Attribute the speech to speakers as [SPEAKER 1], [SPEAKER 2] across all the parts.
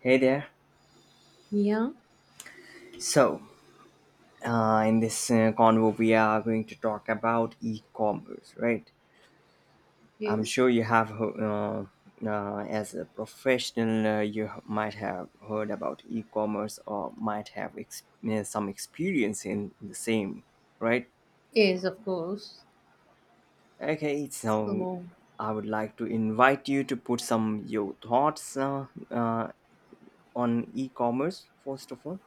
[SPEAKER 1] Hey there.
[SPEAKER 2] Yeah,
[SPEAKER 1] So in this convo, we are going to talk about e-commerce, right? I'm
[SPEAKER 2] Yes.
[SPEAKER 1] sure you have, as a professional, you might have heard about e-commerce or might have some experience in the same, right?
[SPEAKER 2] Yes, of course.
[SPEAKER 1] Okay, so
[SPEAKER 2] So,
[SPEAKER 1] I would like to invite you to put some your thoughts on e-commerce first of all.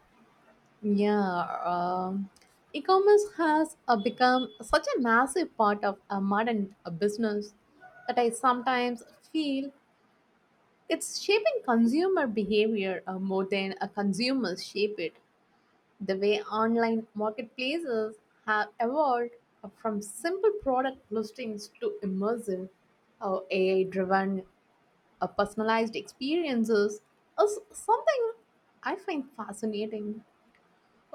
[SPEAKER 2] yeah, um, e-commerce has become such a massive part of a modern business that I sometimes feel it's shaping consumer behavior more than a consumers shape it. The way online marketplaces have evolved from simple product listings to immersive AI-driven A personalized experiences is something I find fascinating.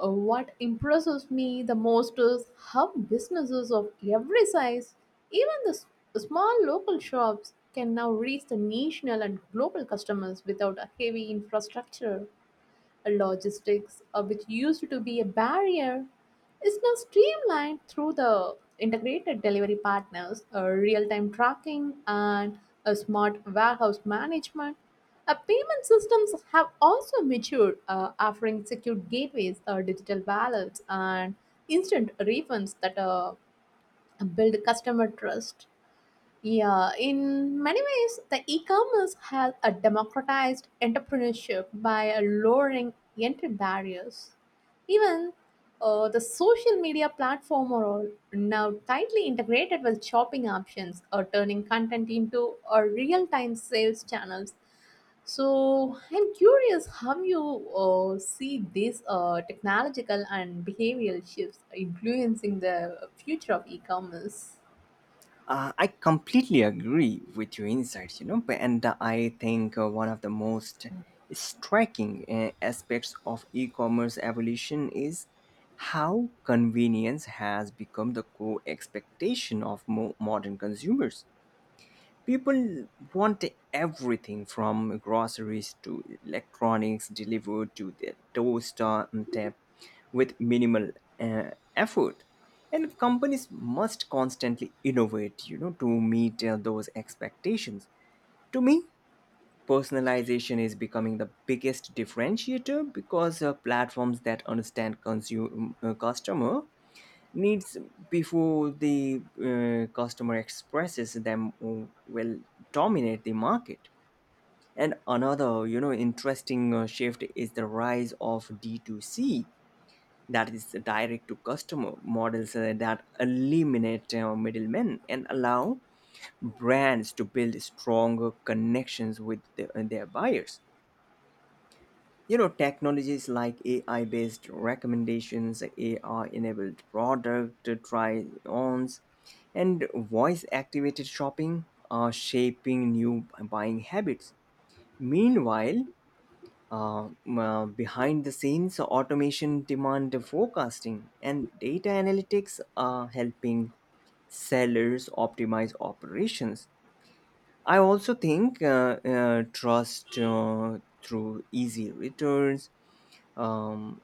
[SPEAKER 2] What impresses me the most is how businesses of every size, even the small local shops, can now reach the national and global customers without a heavy infrastructure. Logistics, which used to be a barrier, is now streamlined through the integrated delivery partners, real time tracking, and a smart warehouse management. Payment systems have also matured, offering secure gateways, digital wallets, and instant refunds that build customer trust. Yeah, in many ways, the e-commerce has a democratized entrepreneurship by lowering entry barriers. Even the social media platform are all now tightly integrated with shopping options or turning content into a real-time sales channels. So I'm curious how you see these technological and behavioral shifts influencing the future of e-commerce.
[SPEAKER 1] I completely agree with your insights, you know, and I think one of the most striking aspects of e commerce evolution is how convenience has become the core expectation of modern consumers. People want everything from groceries to electronics delivered to their doorstep with minimal effort. And companies must constantly innovate, you know, to meet those expectations. To me, personalization is becoming the biggest differentiator because platforms that understand consumer customer needs before the customer expresses them will dominate the market. And another, you know, interesting shift is the rise of D2C, that is the direct to customer models that eliminate middlemen and allow brands to build stronger connections with their buyers. You know, technologies like AI based recommendations, AR enabled product try ons, and voice activated shopping are shaping new buying habits. Meanwhile, behind the scenes, automation demand forecasting and data analytics are helping sellers optimize operations. I also think trust through easy returns. Um,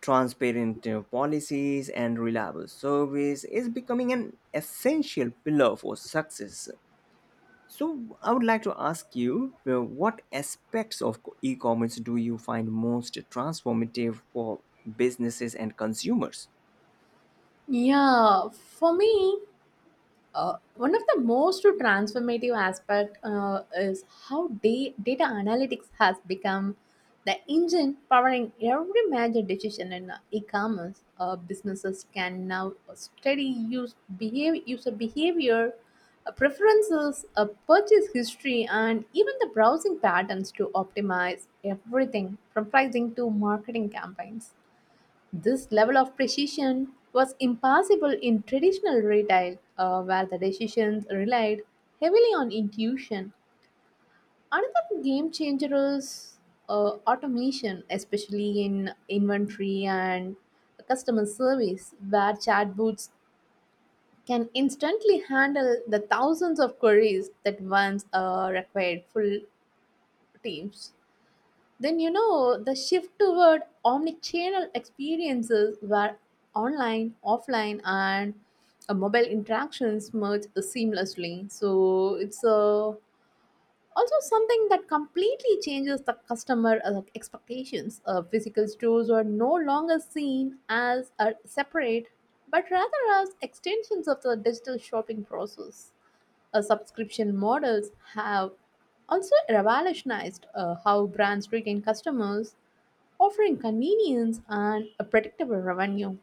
[SPEAKER 1] Transparent policies and reliable service is becoming an essential pillar for success. So, I would like to ask you, what aspects of e commerce do you find most transformative for businesses and consumers?
[SPEAKER 2] Yeah, for me, one of the most transformative aspect is how data analytics has become the engine powering every major decision in e-commerce. Businesses can now study user behavior, preferences, purchase history, and even the browsing patterns to optimize everything from pricing to marketing campaigns. This level of precision was impossible in traditional retail, where the decisions relied heavily on intuition. Another game changer is automation, especially in inventory and customer service, where chatbots can instantly handle the thousands of queries that once required full teams. Then you know the shift toward omnichannel experiences where online, offline, and mobile interactions merge seamlessly. So it's also something that completely changes the customer expectations. Physical stores are no longer seen as separate, but rather as extensions of the digital shopping process. Subscription models have also revolutionized how brands retain customers offering convenience and a predictable revenue.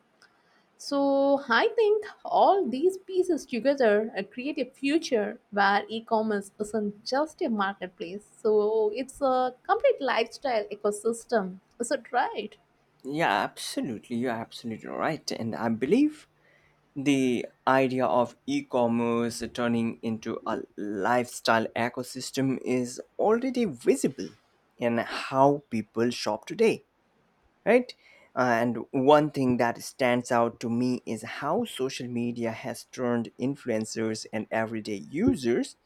[SPEAKER 2] So, I think all these pieces together create a future where e commerce isn't just a marketplace. So, it's a complete lifestyle ecosystem. Is it right?
[SPEAKER 1] Yeah, absolutely. You're absolutely right. And I believe the idea of e commerce turning into a lifestyle ecosystem is already visible in how people shop today, right? And one thing that stands out to me is how social media has turned influencers and everyday users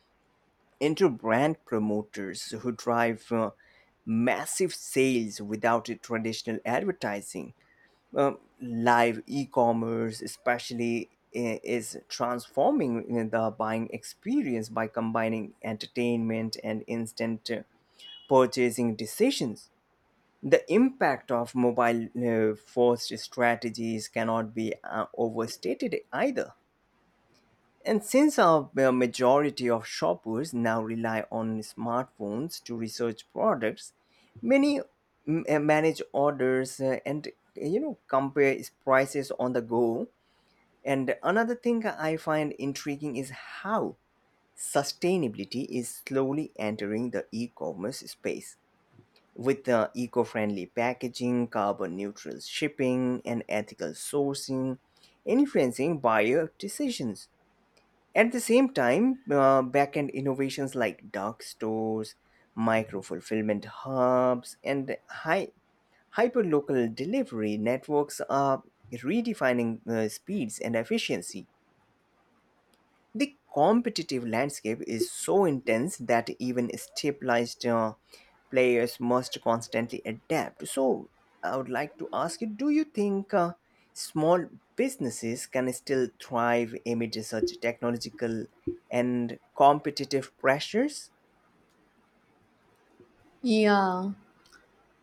[SPEAKER 1] into brand promoters who drive massive sales without a traditional advertising. Live e-commerce, especially, is transforming the buying experience by combining entertainment and instant purchasing decisions. The impact of mobile first strategies cannot be overstated either. And since a majority of shoppers now rely on smartphones to research products, many manage orders and, you know, compare prices on the go. And another thing I find intriguing is how sustainability is slowly entering the e-commerce space with the eco friendly packaging, carbon neutral shipping, and ethical sourcing, influencing buyer decisions. At the same time, backend innovations like dark stores, micro fulfillment hubs, and hyperlocal delivery networks are redefining speeds and efficiency. The competitive landscape is so intense that even stabilized players must constantly adapt. So, I would like to ask you, do you think small businesses can still thrive amid such technological and competitive pressures?
[SPEAKER 2] Yeah,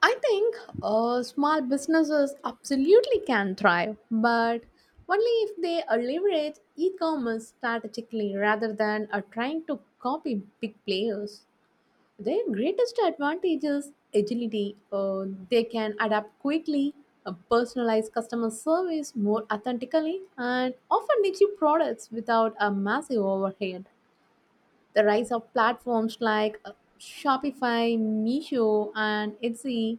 [SPEAKER 2] I think small businesses absolutely can thrive, but only if they leverage e commerce strategically rather than trying to copy big players. Their greatest advantage is agility. They can adapt quickly, personalize customer service more authentically, and often issue products without a massive overhead. The rise of platforms like Shopify, Meesho, and Etsy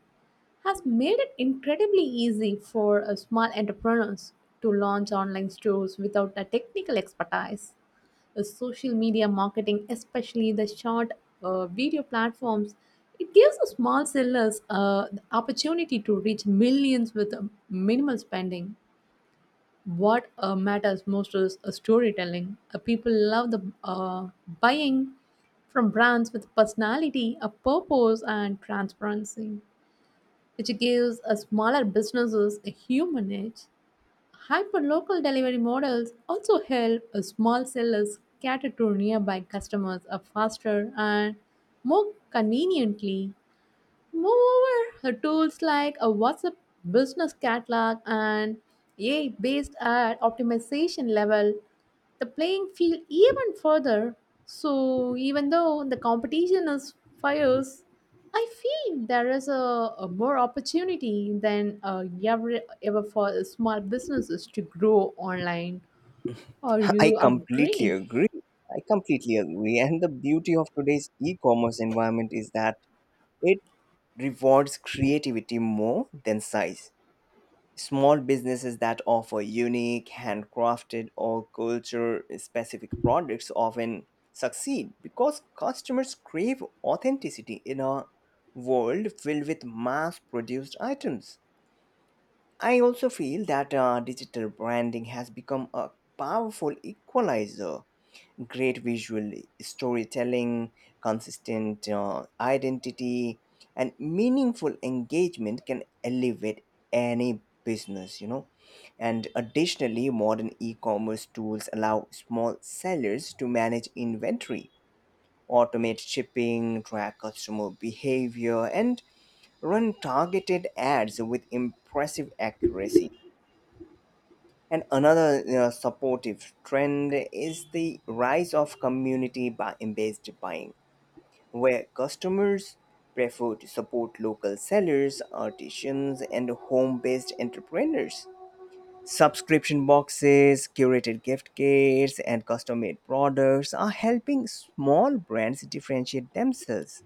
[SPEAKER 2] has made it incredibly easy for small entrepreneurs to launch online stores without the technical expertise. The social media marketing, especially the short video platforms, it gives the small sellers the opportunity to reach millions with minimal spending what matters most is storytelling. People love the buying from brands with personality, a purpose, and transparency, which gives smaller businesses a human edge. Hyper-local delivery models also help small sellers cater to nearby customers faster and more conveniently. Moreover, the tools like a WhatsApp business catalog and AI based ad optimization level the playing field even further. So even though the competition is fierce, I feel there is a more opportunity than ever for small businesses to grow online. Or
[SPEAKER 1] I
[SPEAKER 2] you
[SPEAKER 1] completely
[SPEAKER 2] agree?
[SPEAKER 1] agree. I completely agree. And the beauty of today's e commerce environment is that it rewards creativity more than size. Small businesses that offer unique, handcrafted, or culture specific products often succeed because customers crave authenticity in a world filled with mass produced items. I also feel that digital branding has become a powerful equalizer. Great visual storytelling, consistent identity, and meaningful engagement can elevate any business, you know. And additionally, modern e commerce tools allow small sellers to manage inventory, automate shipping, track customer behavior, and run targeted ads with impressive accuracy. And another supportive trend is the rise of community based buying, where customers prefer to support local sellers, artisans, and home based entrepreneurs. Subscription boxes, curated gift kits, and custom made products are helping small brands differentiate themselves.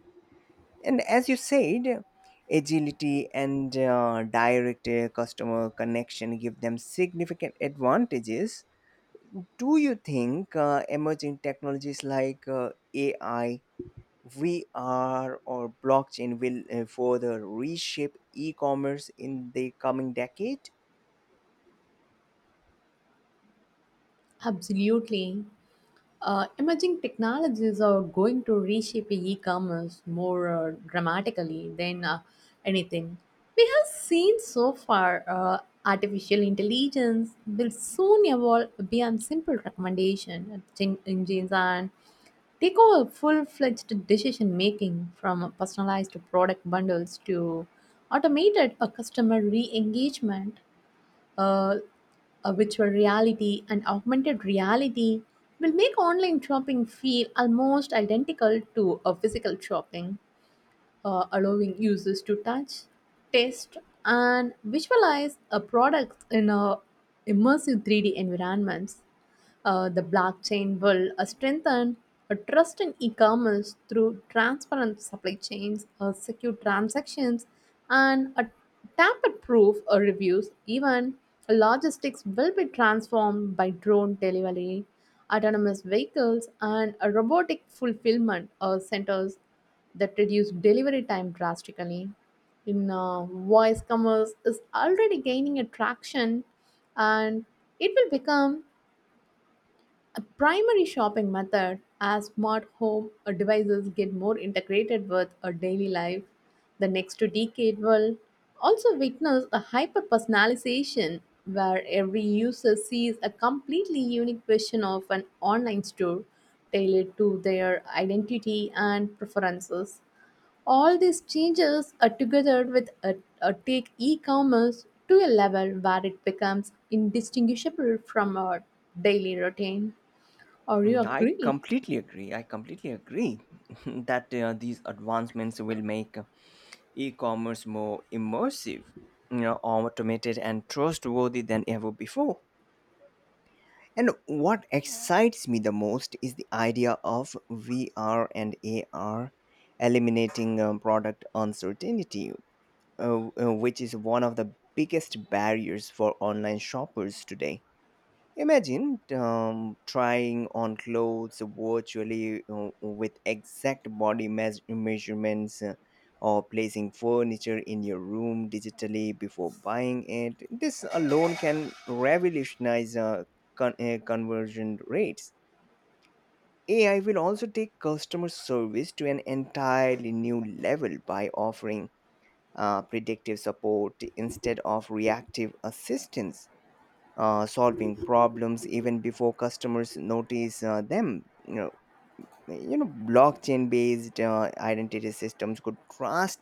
[SPEAKER 1] And as you said, agility and direct customer connection give them significant advantages. Do you think emerging technologies like AI, VR, or blockchain will further reshape e commerce in the coming decade?
[SPEAKER 2] Absolutely. Emerging technologies are going to reshape e-commerce more dramatically than anything we have seen so far. Artificial intelligence will soon evolve beyond simple recommendation engines and take over full-fledged decision making from personalized product bundles to automated customer re-engagement. uh, Virtual reality and augmented reality will make online shopping feel almost identical to a physical shopping, allowing users to touch, taste, and visualize a product in a immersive 3D environments. The blockchain will strengthen a trust in e-commerce through transparent supply chains, secure transactions, and a tamper-proof reviews. Even logistics will be transformed by drone delivery, autonomous vehicles, and a robotic fulfillment centers that reduced delivery time drastically. In voice commerce is already gaining attraction, and it will become a primary shopping method as smart home devices get more integrated with our daily life. The next decade will also witness a hyper personalization where every user sees a completely unique version of an online store tailored to their identity and preferences. All these changes are together with a take e-commerce to a level where it becomes indistinguishable from our daily routine. Or you
[SPEAKER 1] Mm, I
[SPEAKER 2] agree?
[SPEAKER 1] completely agree. I completely agree that these advancements will make e-commerce more immersive, you know, automated and trustworthy than ever before. And what excites me the most is the idea of VR and AR eliminating product uncertainty, uh, which is one of the biggest barriers for online shoppers today. Imagine trying on clothes virtually with exact body measurements or placing furniture in your room digitally before buying it. This alone can revolutionize conversion rates. AI will also take customer service to an entirely new level by offering predictive support instead of reactive assistance, solving problems even before customers notice them. You know, blockchain-based identity systems could drastically